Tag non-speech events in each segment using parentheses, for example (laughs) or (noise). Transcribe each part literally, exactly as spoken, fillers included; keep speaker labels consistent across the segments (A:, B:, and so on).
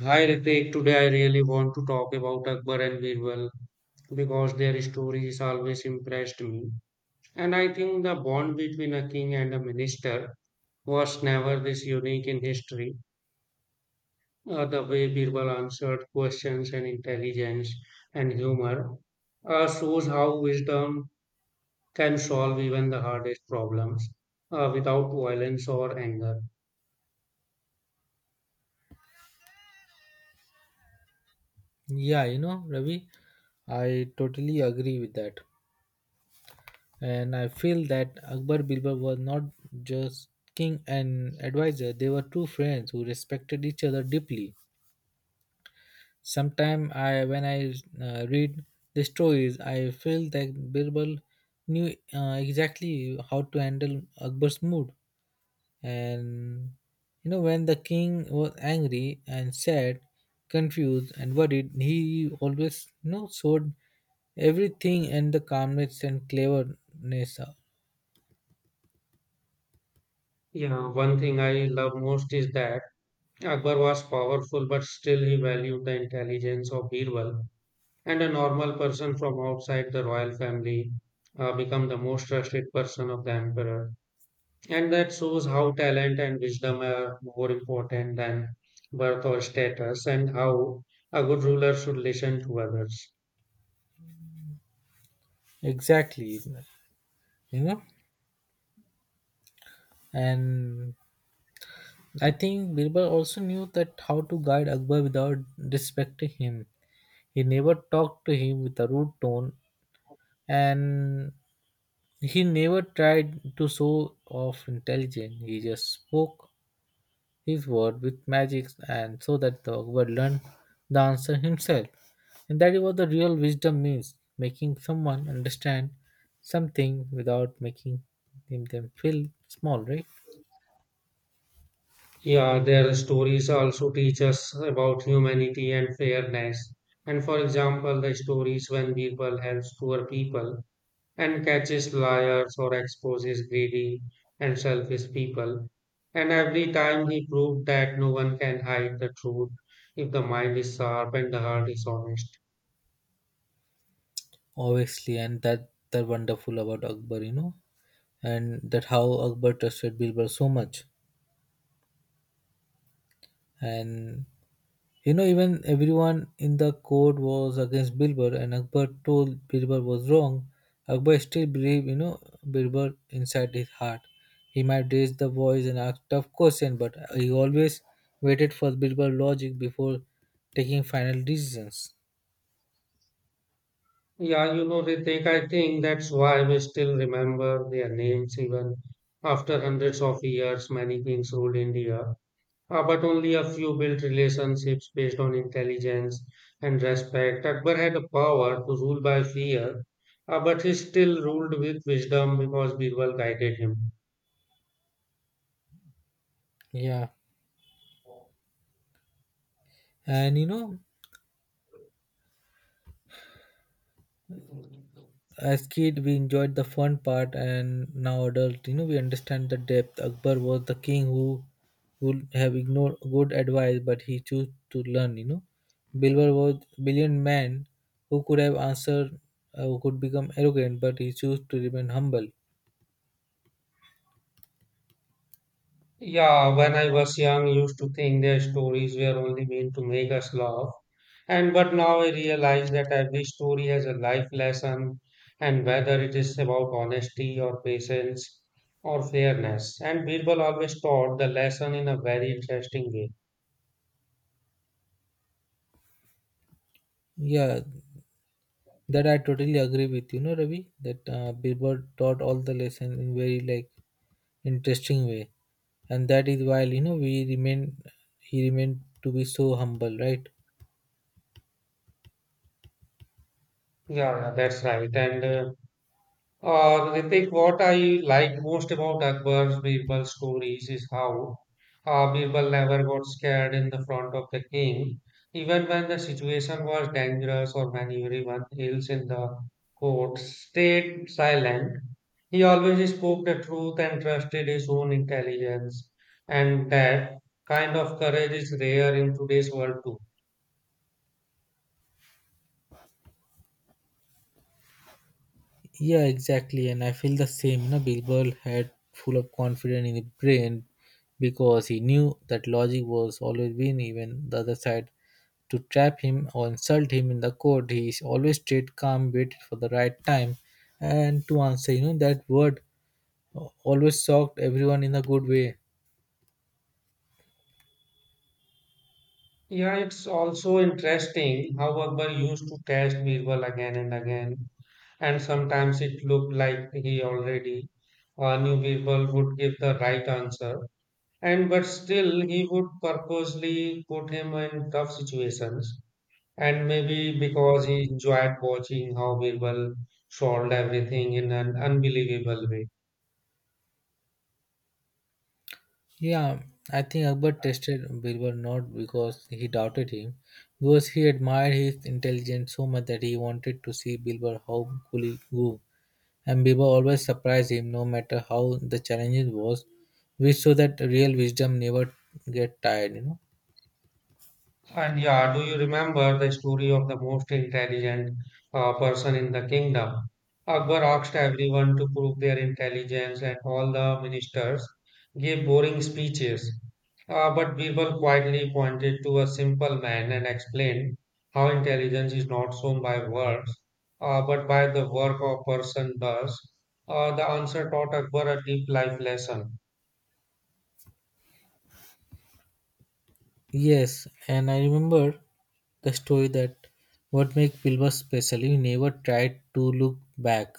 A: Hi Ritik, today I really want to talk about Akbar and Birbal because their stories always impressed me. And I think the bond between a king and a minister was never this unique in history. Uh, the way Birbal answered questions and intelligence and humor uh, shows how wisdom can solve even the hardest problems uh, without violence or anger.
B: Yeah, you know, Ravi, I totally agree with that. And I feel that Akbar Bilbar was not just king and advisor, they were two friends who respected each other deeply. Sometimes I, when I uh, read the stories, I feel that Birbal knew uh, exactly how to handle Akbar's mood. And you know, when the king was angry and sad, confused and worried, he always you know showed everything and the calmness and cleverness.
A: Yeah, one thing I love most is that Akbar was powerful, but still he valued the intelligence of Birbal, and a normal person from outside the royal family uh, became the most trusted person of the emperor. And that shows how talent and wisdom are more important than birth or status, and how a good ruler should listen to others.
B: Exactly, you know. And I think Birbal also knew that how to guide Akbar without disrespecting him. He never talked to him with a rude tone, and he never tried to show off intelligence. He just spoke his word with magic and so that the ogre learned the answer himself. And that is what the real wisdom means making someone understand something without making him them feel small, right?
A: Yeah, their stories also teach us about humanity and fairness. And for example, the stories when Birbal helps poor people and catches liars or exposes greedy and selfish people. And every time he proved that no one can hide the truth if the mind is sharp and the heart is honest.
B: Obviously, and that that wonderful about Akbar, you know, and that how Akbar trusted Bilbar so much. And You know, even everyone in the court was against Bilbar, and Akbar told Bilbar was wrong. Akbar still believed, you know, Bilbar inside his heart. He might raise the voice and ask tough questions, but he always waited for Bilbar logic before taking final decisions.
A: Yeah, you know, Ritik, I think that's why we still remember their names even after hundreds of years many kings ruled India. Uh, but only a few built relationships based on intelligence and respect. Akbar had the power to rule by fear, uh, but he still ruled with wisdom because Birbal guided him.
B: Yeah, and you know, as kid we enjoyed the fun part. And now adult you know we understand the depth. Akbar was the king who would have ignored good advice, but he chose to learn you know Bilbar was brilliant man who could have answered uh, who could become arrogant, but he chose to remain humble.
A: Yeah, when I was young, used to think their stories were only meant to make us laugh. And but now I realize that every story has a life lesson, and whether it is about honesty or patience or fairness. And Birbal always taught the lesson in a very interesting way.
B: Yeah, that I totally agree with, you know Ravi, that uh, Bilbar taught all the lessons in very like interesting way. And that is why you know we remain he remained to be so humble, right?
A: Yeah, yeah, that's right. And uh, Uh, Ritik, what I like most about Akbar's Birbal stories is how uh, Birbal never got scared in the front of the king, even when the situation was dangerous or when everyone else in the court stayed silent. He always spoke the truth and trusted his own intelligence, and that kind of courage is rare in today's world too.
B: Yeah, exactly. And I feel the same. You know, Big Bird had full of confidence in his brain because he knew that logic was always win, even the other side to trap him or insult him in the court. He is always stayed calm, waited for the right time, and to answer. You know, that word always shocked everyone in a good way.
A: Yeah, it's also interesting how Akbar used to test Birbal again and again. And sometimes it looked like he already uh, knew people would give the right answer. And but still, he would purposely put him in tough situations. And maybe because he enjoyed watching how people solved everything in an unbelievable way.
B: Yeah, I think Akbar tested Birbal not because he doubted him, because he admired his intelligence so much that he wanted to see Birbal how cool he grew. And Biba always surprised him, no matter how the challenges was, which so that real wisdom never get tired, you know.
A: And yeah, do you remember the story of the most intelligent uh, person in the kingdom? Akbar asked everyone to prove their intelligence, and all the ministers gave boring speeches. Uh, but Birbal quietly pointed to a simple man and explained how intelligence is not shown by words, uh, but by the work a person does. Uh, the answer taught Akbar a deep life lesson.
B: Yes, and I remember the story that what makes Bilbo special, he never tried to look back.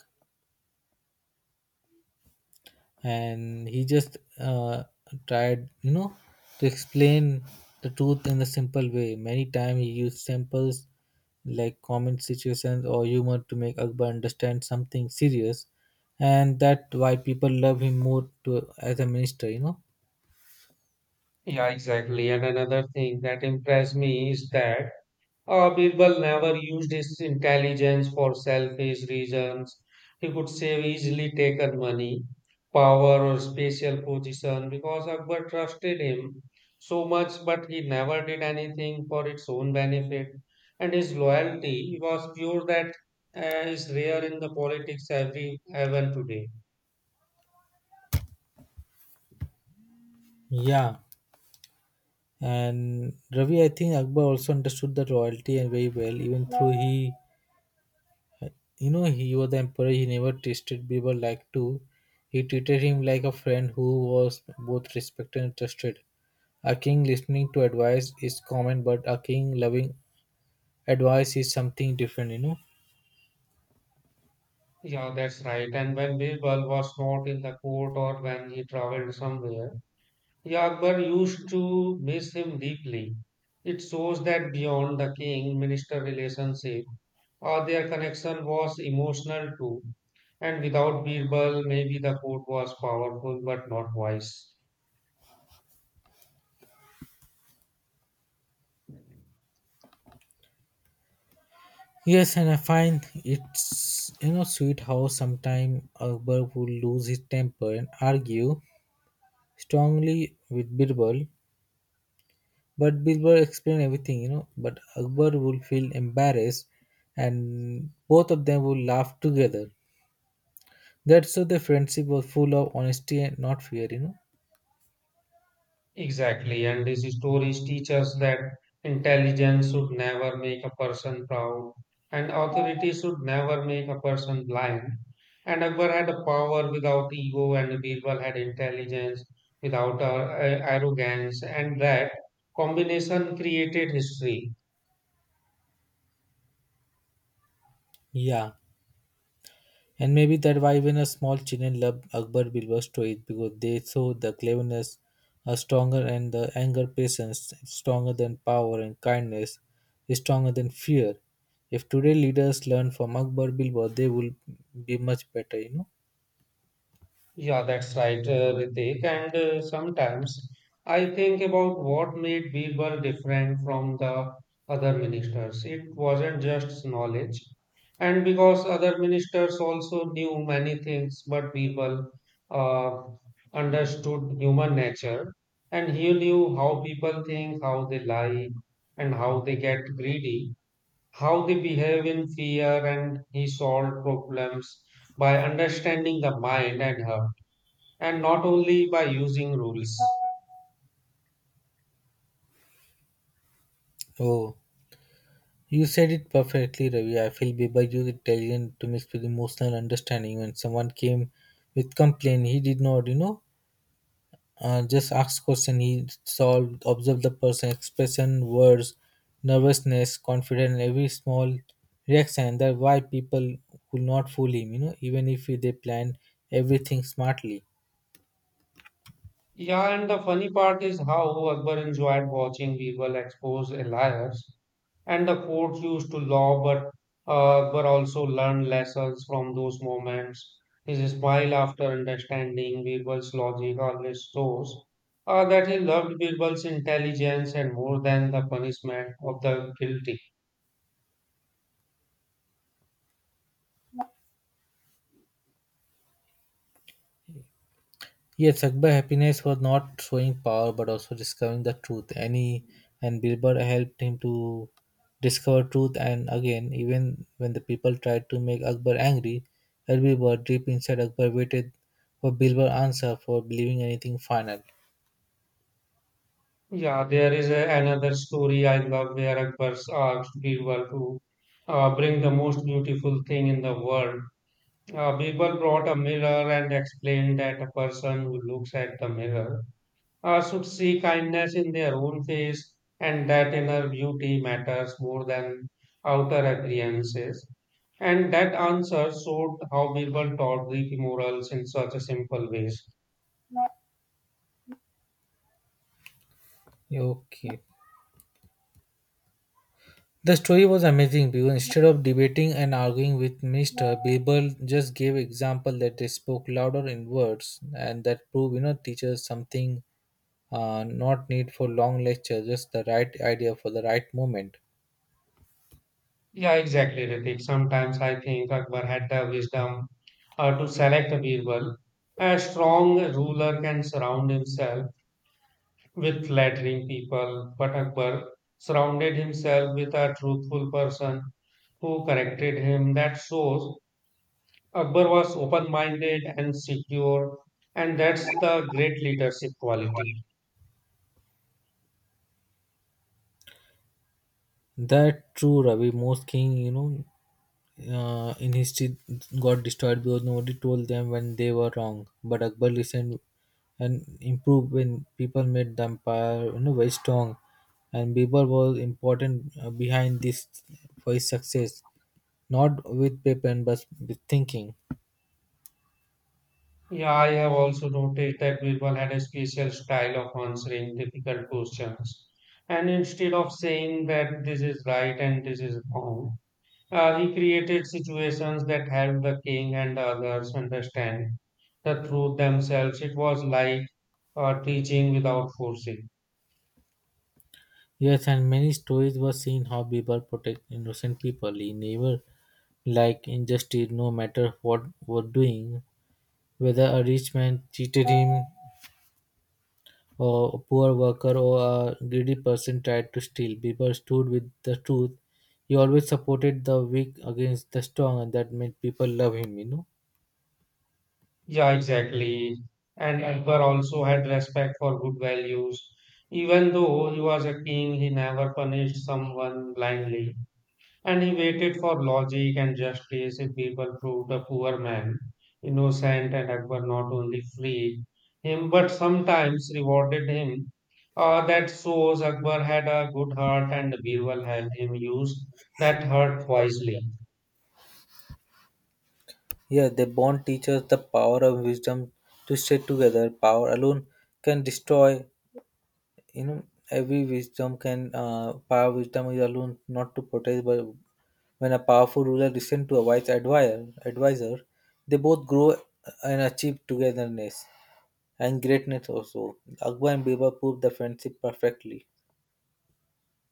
B: And he just uh, tried you know to explain the truth in a simple way. Many times he used samples like common situations or humor to make Akbar understand something serious. And that why people love him more to as a minister you know
A: Yeah, exactly. And another thing that impressed me is that. Uh, Birbal never used his intelligence for selfish reasons. He could save easily taken money, power, or spatial position because Akbar trusted him so much, but he never did anything for its own benefit. And his loyalty was pure that uh, is rare in the politics every even today.
B: Yeah, and Ravi, I think Akbar also understood the royalty and very well. Even though he you know he was the emperor, he never tasted Birbal like too. He treated him like a friend who was both respected and trusted. A king listening to advice is common, but a king loving advice is something different you know
A: Yeah, that's right. And when Birbal was not in the court or when he traveled somewhere, yeah, Akbar used to miss him deeply. It shows that beyond the king minister relationship, uh, their connection was emotional too. And without Birbal, maybe the court was powerful but not wise.
B: Yes, and I find it's you know sweet how sometime Akbar would lose his temper and argue strongly with Birbal. But Birbal explained everything you know but Akbar would feel embarrassed, and both of them would laugh together. That's so the friendship was full of honesty and not fear, you know.
A: Exactly, and these stories teach us that intelligence should never make a person proud, and authority should never make a person blind. And Akbar had a power without ego, and Birbal had intelligence without uh, a- arrogance, and that combination created history.
B: Yeah, and maybe that why even a small children love Akbar Bilba's stories, because they saw the cleverness are stronger and the anger patience is stronger than power and kindness is stronger than fear. If today leaders learn from Akbar Bilba, they will be much better, you know.
A: Yeah, that's right, uh, Ritik. And uh, sometimes I think about what made Birbal different from the other ministers. It wasn't just knowledge. And because other ministers also knew many things, but Birbal uh, understood human nature and he knew how people think, how they lie, and how they get greedy, how they behave in fear, and he solved problems by understanding the mind and heart and not only by using rules.
B: Oh, you said it perfectly, Ravi. I feel Biba used intelligence to mix with emotional understanding. When someone came with complaint, he did not, you know, uh, just ask question. He solved observe the person expression words nervousness confidence every small reaction. And that why people could not fool him you know even if they planned everything smartly.
A: Yeah, and the funny part is how Akbar enjoyed watching people expose liars, and the courts used to law, but uh, Akbar also learned lessons from those moments. His smile after understanding Birbal's logic always shows uh, that he loved Birbal's intelligence and more than the punishment of the guilty.
B: Yes, Akbar happiness was not showing power but also discovering the truth. And he and Bilbar helped him to discover truth. And again, even when the people tried to make Akbar angry, Bilbar deep inside Akbar waited for Bilbar answer for believing anything final.
A: Yeah, there is a, another story I love where Akbar's asked Birbal to uh, bring the most beautiful thing in the world. Uh, Birbal brought a mirror and explained that a person who looks at the mirror uh, should see kindness in their own face and that inner beauty matters more than outer appearances. And that answer showed how Birbal taught Greek morals in such a simple ways.
B: Okay. The story was amazing because instead of debating and arguing with Mister Babel just gave example that they spoke louder in words. And that prove you know teachers something, uh, not need for long lecture, just the right idea for the right moment.
A: Yeah, exactly, Ritik. Sometimes I think Akbar had the wisdom uh, to select a Birbal. A strong ruler can surround himself with flattering people, but Akbar surrounded himself with a truthful person who corrected him. That shows Akbar was open minded and secure, and that's the great leadership quality.
B: That true, Ravi, most king you know uh, in history got destroyed because nobody told them when they were wrong. But Akbar listened and improved when people made the empire you know, very strong. And Birbal was important, uh, behind this for his success, not with paper and but with thinking.
A: Yeah, I have also noticed that people had a special style of answering difficult questions. And instead of saying that this is right and this is wrong, uh, he created situations that helped the king and the others understand the truth themselves. It was like uh, teaching without forcing.
B: Yes, and many stories were seen how Birbal protect innocent people. He never like injustice, no matter what were doing, whether a rich man cheated him or a poor worker or a greedy person tried to steal. Bieber stood with the truth. He always supported the weak against the strong, and that made people love him, you know.
A: Yeah, exactly. And Akbar also had respect for good values. Even though he was a king, he never punished someone blindly. And he waited for logic and justice. If people proved a poor man innocent and Akbar not only freed him but sometimes rewarded him. Uh, that shows Akbar had a good heart and Birbal helped him use that heart wisely.
B: Yeah, they bond teachers the power of wisdom to stay together. Power alone can destroy. You know, every wisdom can. Uh, power wisdom is alone not to protect, but when a powerful ruler listens to a wise advisor, advisor, they both grow and achieve togetherness and greatness also. Akbar and Birbal proved the friendship perfectly.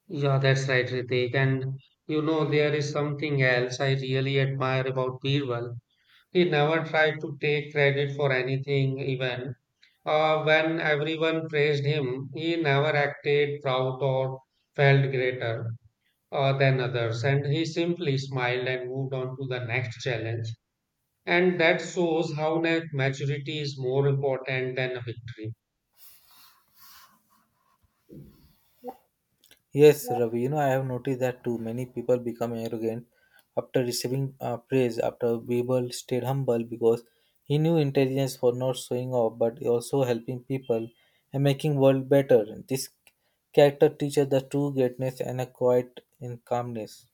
A: Yeah, that's right, Ritik. And you know, there is something else I really admire about Birbal. He never tried to take credit for anything, even Uh, when everyone praised him, he never acted proud or felt greater uh, than others, and he simply smiled and moved on to the next challenge. And that shows how net maturity is more important than a victory.
B: Yes, Ravi, you know, I have noticed that too. Many people become arrogant after receiving uh, praise, after Birbal stayed humble because he knew intelligence for not showing off but also helping people and making world better. This character teaches the true greatness and a quiet in calmness.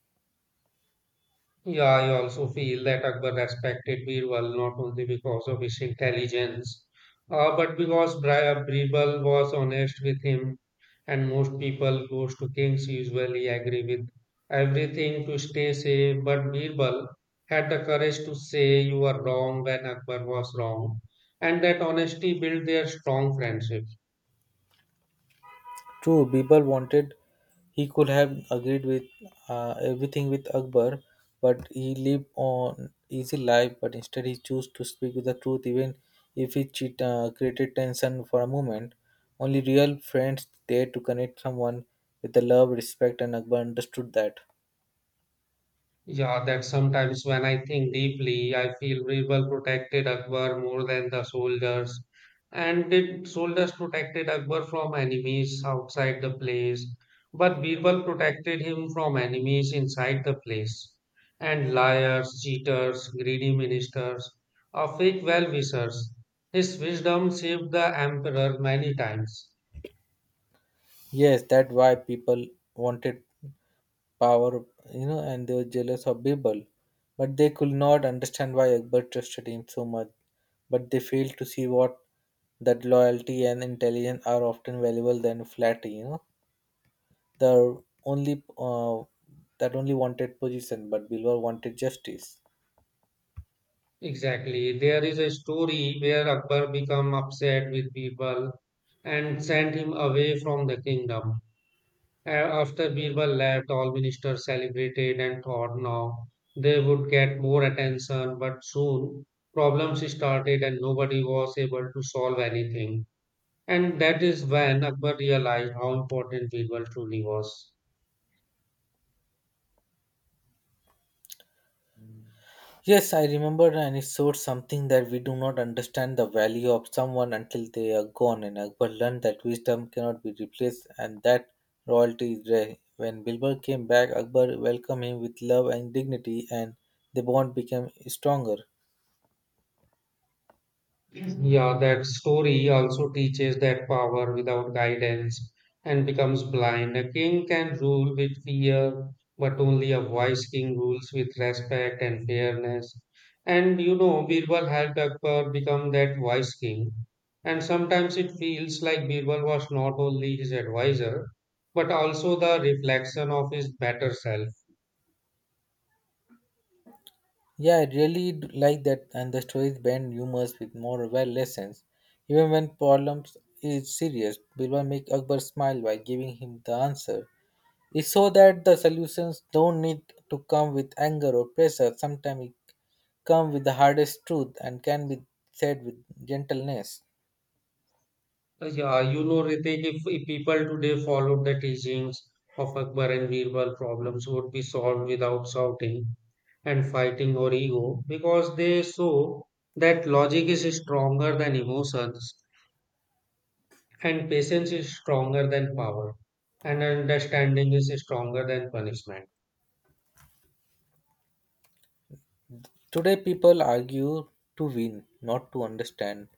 A: Yeah, I also feel that Akbar respected Birbal not only because of his intelligence, uh, but because Bri- uh, Birbal was honest with him, and most people goes to kings usually agree with everything to stay safe. But Birbal had the courage to say you are wrong when Akbar was wrong, and that honesty built their strong friendship.
B: True, Birbal wanted he could have agreed with uh, everything with Akbar, but he lived on easy life. But instead, he chose to speak with the truth, even if it cheat, uh, created tension for a moment. Only real friends dare to connect someone with the love, respect, and Akbar understood that.
A: Yeah, that sometimes when I think deeply, I feel rebel protected Akbar more than the soldiers. And did soldiers protected Akbar from enemies outside the place, but Birbal protected him from enemies inside the place. And liars, cheaters, greedy ministers, or fake well-wishers. His wisdom saved the emperor many times.
B: Yes, that's why people wanted power, you know, and they were jealous of Birbal. But they could not understand why Akbar trusted him so much. But they failed to see what that loyalty and intelligence are often valuable than flattery. You know, the only uh, that only wanted position, but Birbal wanted justice.
A: Exactly. There is a story where Akbar became upset with Birbal and sent him away from the kingdom. A- After Birbal left, all ministers celebrated and thought now they would get more attention, but soon problems started and nobody was able to solve anything. And that is when Akbar realized how important Birbal truly was.
B: Yes, I remember, and it showed something that we do not understand the value of someone until they are gone. And Akbar learned that wisdom cannot be replaced and that royalty is rare. When Bilbar came back, Akbar welcomed him with love and dignity, and the bond became stronger.
A: Yeah, that story also teaches that power without guidance and becomes blind. A king can rule with fear, but only a wise king rules with respect and fairness. And you know, Birbal helped Akbar become that wise king. And sometimes it feels like Birbal was not only his advisor, but also the reflection of his better self.
B: Yeah, I really d- like that, and the stories blend humor with moral lessons. Even when problems is serious, Bilbar make Akbar smile by giving him the answer. It's so that the solutions don't need to come with anger or pressure. Sometimes it comes with the hardest truth and can be said with gentleness.
A: Uh, Yeah, you know, Ritik, if, if people today followed the teachings of Akbar and Birbal, problems would be solved without shouting and fighting or ego because they saw that logic is stronger than emotions and patience is stronger than power and understanding is stronger than punishment.
B: Today, people argue to win, not to understand.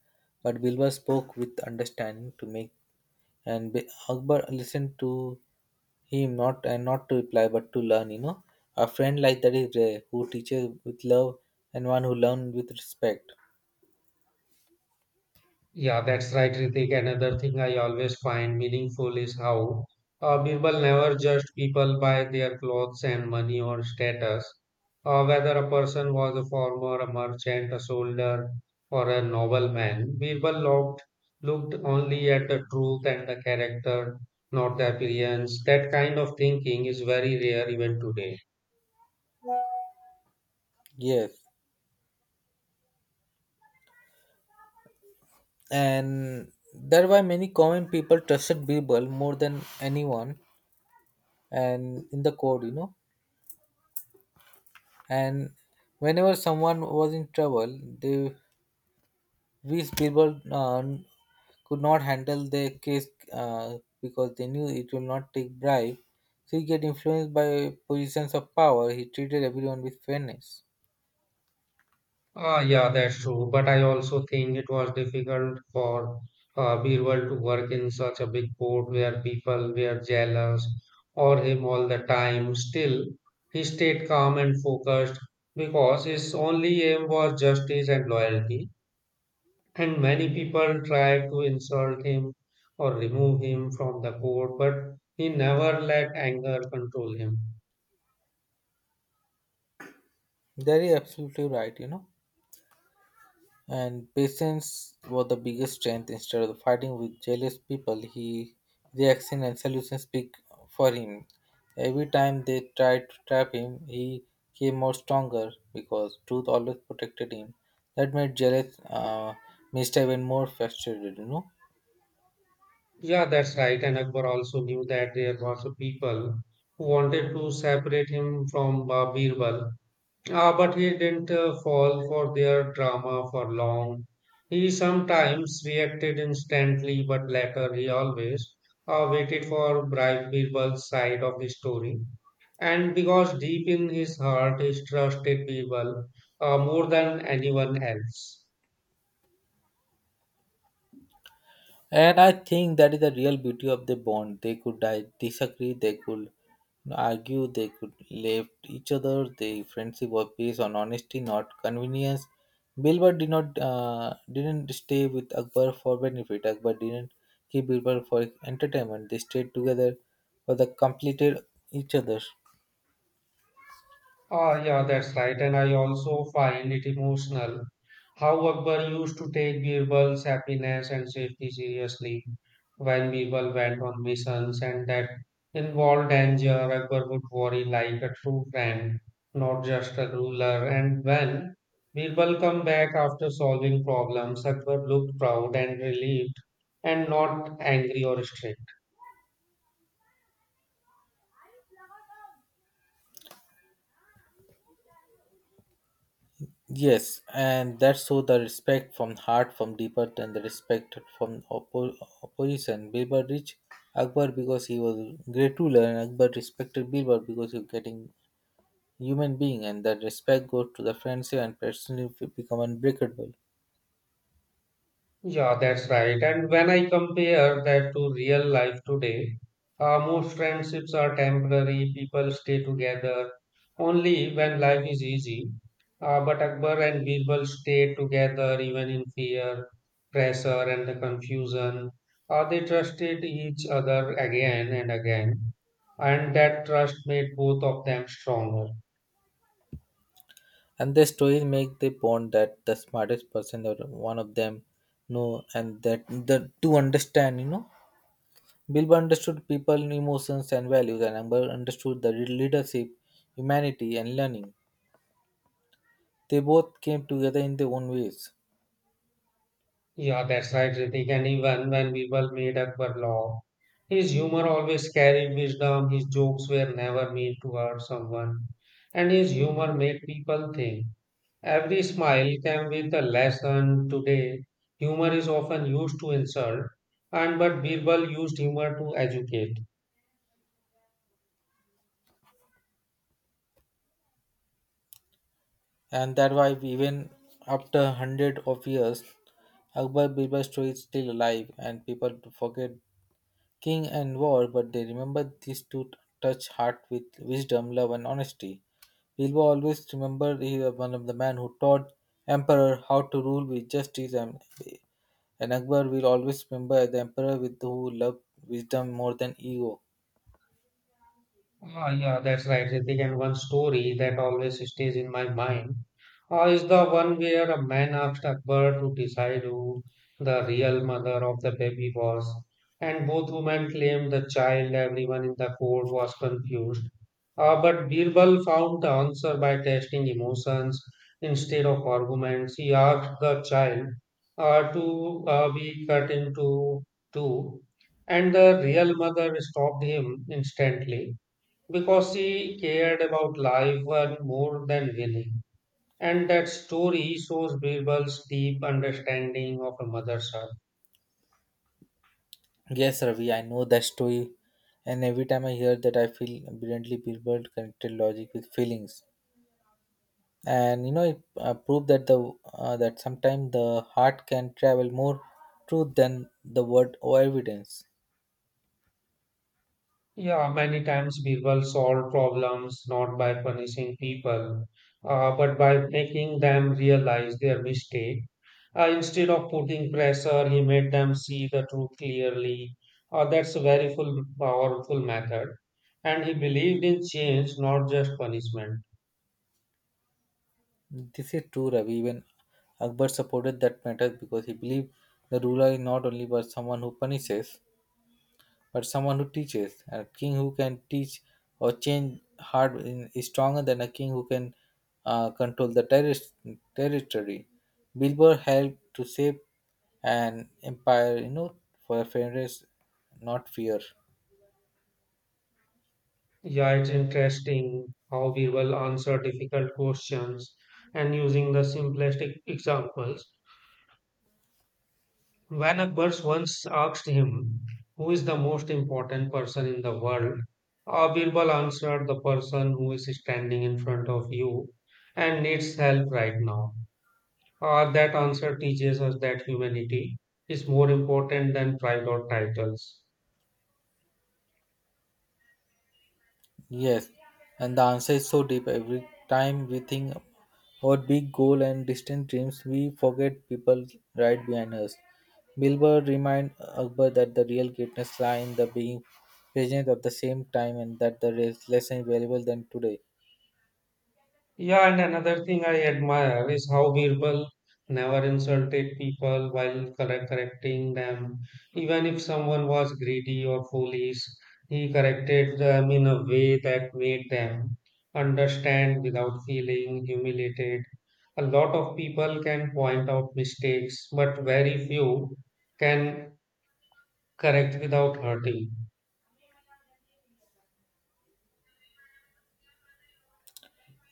B: But Bilba spoke with understanding to make, and Bi- Akbar listened to him not and not to reply but to learn. You know, a friend like that is rare, who teaches with love and one who learns with respect.
A: Yeah, that's right, Ritik. Another thing I always find meaningful is how uh, Birbal never judged people by their clothes and money or status. Uh, whether a person was a farmer, a merchant, a soldier, or a nobleman, Birbal looked, looked only at the truth and the character, not the appearance. That kind of thinking is very rare even today.
B: Yes. And that's why many common people trusted Birbal more than anyone and in the court you know and whenever someone was in trouble they which Birbal uh, could not handle their case, uh, because they knew it will not take bribe, so he get influenced by positions of power. He treated everyone with fairness.
A: Ah, yeah, that's true. But I also think it was difficult for uh, Birbal to work in such a big port where people were jealous or him all the time. Still, he stayed calm and focused because his only aim was justice and loyalty. And many people tried to insult him or remove him from the court, but he never let anger control him.
B: That is absolutely right you know and patience was the biggest strength. Instead of fighting with jealous people, he reactions and solutions speak for him. Every time they tried to trap him, he came out stronger because truth always protected him. That made jealous uh, Mister even more frustrated, you know.
A: Yeah, that's right. And Akbar also knew that there was a people who wanted to separate him from uh, Birbal. Uh, but he didn't uh, fall for their drama for long. He sometimes reacted instantly, but later he always uh, waited for Bri- Birbal's side of the story. And because deep in his heart, he trusted Birbal uh, more than anyone else.
B: And I think that is the real beauty of the bond. They could di- disagree, they could argue, they could left each other. The friendship was based on honesty, not convenience. Bilbar did not uh, didn't stay with Akbar for benefit. Akbar didn't keep Bilbar for entertainment. They stayed together for the completed each other.
A: Ah, yeah, that's right. And I also find it emotional how Akbar used to take Birbal's happiness and safety seriously. When Birbal went on missions and that involved danger, Akbar would worry like a true friend, not just a ruler. And when Birbal come back after solving problems, Akbar looked proud and relieved and not angry or strict.
B: Yes, and that's so the respect from heart from deeper than the respect from oppo- opposition. Bilbar reached Akbar because he was great ruler, and Akbar respected Bilbar because he was getting human being, and that respect goes to the friendship and personally become unbreakable.
A: Yeah, that's right. And when I compare that to real life today, uh, most friendships are temporary, people stay together only when life is easy. Uh, but Akbar and Birbal stayed together even in fear, pressure, and the confusion. Uh, they trusted each other again and again, and that trust made both of them stronger.
B: And the stories make the bond that the smartest person or one of them know, and that the to understand, you know, Bilbar understood people emotions and values, and Akbar understood the leadership, humanity, and learning. They both came together in their own ways,
A: Yeah, that's right, Ritik. And even when people made Akbar laugh, his humor always carried wisdom. His jokes were never meant to hurt someone, and his humor made people think. Every smile came with a lesson. Today, humor is often used to insult, and but Birbal used humor to educate.
B: and that why even after hundred of years, Akbar Birbal story is still alive, and people forget king and war, but they remember these two touch heart with wisdom, love, and honesty. Birbal always remembered he was one of the men who taught emperor how to rule with justice, and, and Akbar will always remember the emperor with who loved wisdom more than ego.
A: Ah, yeah, that's right, Ritik. And one story that always stays in my mind uh, is the one where a man asked a bird to decide who the real mother of the baby was. And both women claimed the child, everyone in the court was confused. Uh, but Birbal found the answer by testing emotions instead of arguments. He asked the child uh, to uh, be cut into two, and the real mother stopped him instantly because she cared about life and more than winning. And that story shows Birbal's deep understanding of a mother's heart.
B: Yes, Ravi, I know that story, and every time I hear that, I feel brilliantly people connected logic with feelings, and you know it uh, proved that the uh, that sometimes the heart can travel more truth than the word or evidence.
A: Yeah, many times Birbal solved problems not by punishing people, uh, but by making them realize their mistake. Uh, instead of putting pressure, he made them see the truth clearly. Uh, that's a very full, powerful method. And he believed in change, not just punishment.
B: This is true, Ravi. Even Akbar supported that matter because he believed the ruler is not only but someone who punishes, but someone who teaches. A king who can teach or change hard in, is stronger than a king who can uh, control the terri- territory. Bilbo helped to shape an empire, you know, for fairness, not fear.
A: Yeah, it's interesting how we will answer difficult questions and using the simplistic examples. When Akbar once asked him, "Who is the most important person in the world?" Uh, Birbal answered, "The person who is standing in front of you and needs help right now." Uh, that answer teaches us that humanity is more important than pride or titles.
B: Yes, and the answer is so deep. Every time we think about big goal and distant dreams, we forget people right behind us. Bilber remind Akbar that the real greatness lie in the being present at the same time and that the is less valuable than today.
A: Yeah, and another thing I admire is how Birbal never insulted people while correct- correcting them. Even if someone was greedy or foolish, he corrected them in a way that made them understand without feeling humiliated. A lot of people can point out mistakes, but very few can correct without hurting.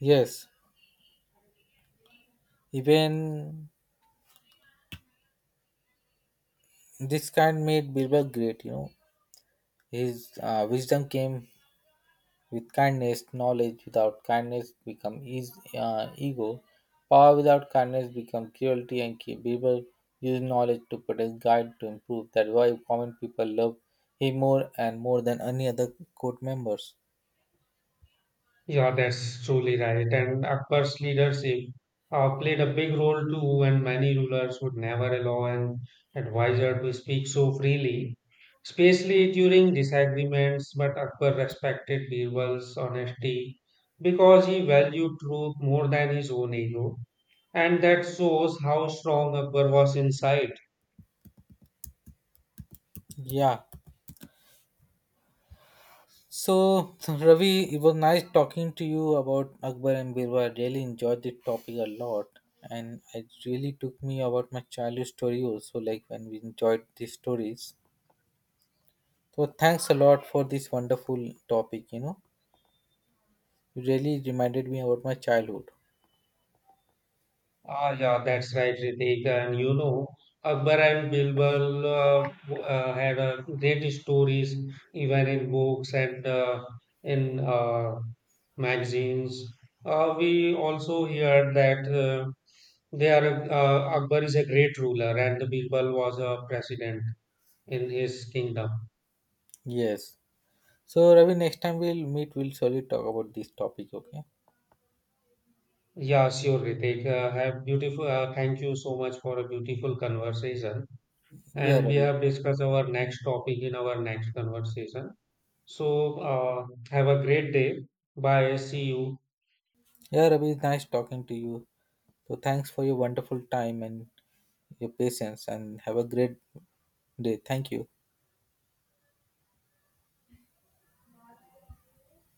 B: Yes, even this kind made Bilber great, you know. His uh, wisdom came with kindness. Knowledge without kindness become is, uh, ego. Power without kindness become cruelty, and ki- people use knowledge to protect, guide, to improve. That's why common people love him more and more than any other court members.
A: Yeah, that's truly right. And Akbar's leadership uh, played a big role too, and many rulers would never allow an advisor to speak so freely, especially during disagreements. But Akbar respected Birbal's honesty because he valued truth more than his own ego, and that shows how strong Akbar was inside.
B: Yeah. So (laughs) Ravi, it was nice talking to you about Akbar and Birbal. I really enjoyed this topic a lot, and it really took me about my childhood story also. Like when we enjoyed these stories. So thanks a lot for this wonderful topic. You know, you really reminded me about my childhood.
A: Ah, yeah, that's right, Ritik. And you know, Akbar and Birbal uh, w- uh, had uh, great stories, even in books and uh, in uh, magazines. Uh, we also heard that uh, they are a- uh, Akbar is a great ruler and Birbal was a president in his kingdom.
B: Yes. So Ravi, next time we'll meet, we'll surely talk about this topic. Okay.
A: Yeah, sure, Ritik. Uh, have beautiful. Uh, thank you so much for a beautiful conversation.
B: Yeah,
A: And we
B: Ravi.
A: have discussed our next topic in our next conversation. So, uh, have a great day. Bye. See you.
B: Yeah, Ravi. It's nice talking to you. So thanks for your wonderful time and your patience, and have a great day. Thank you.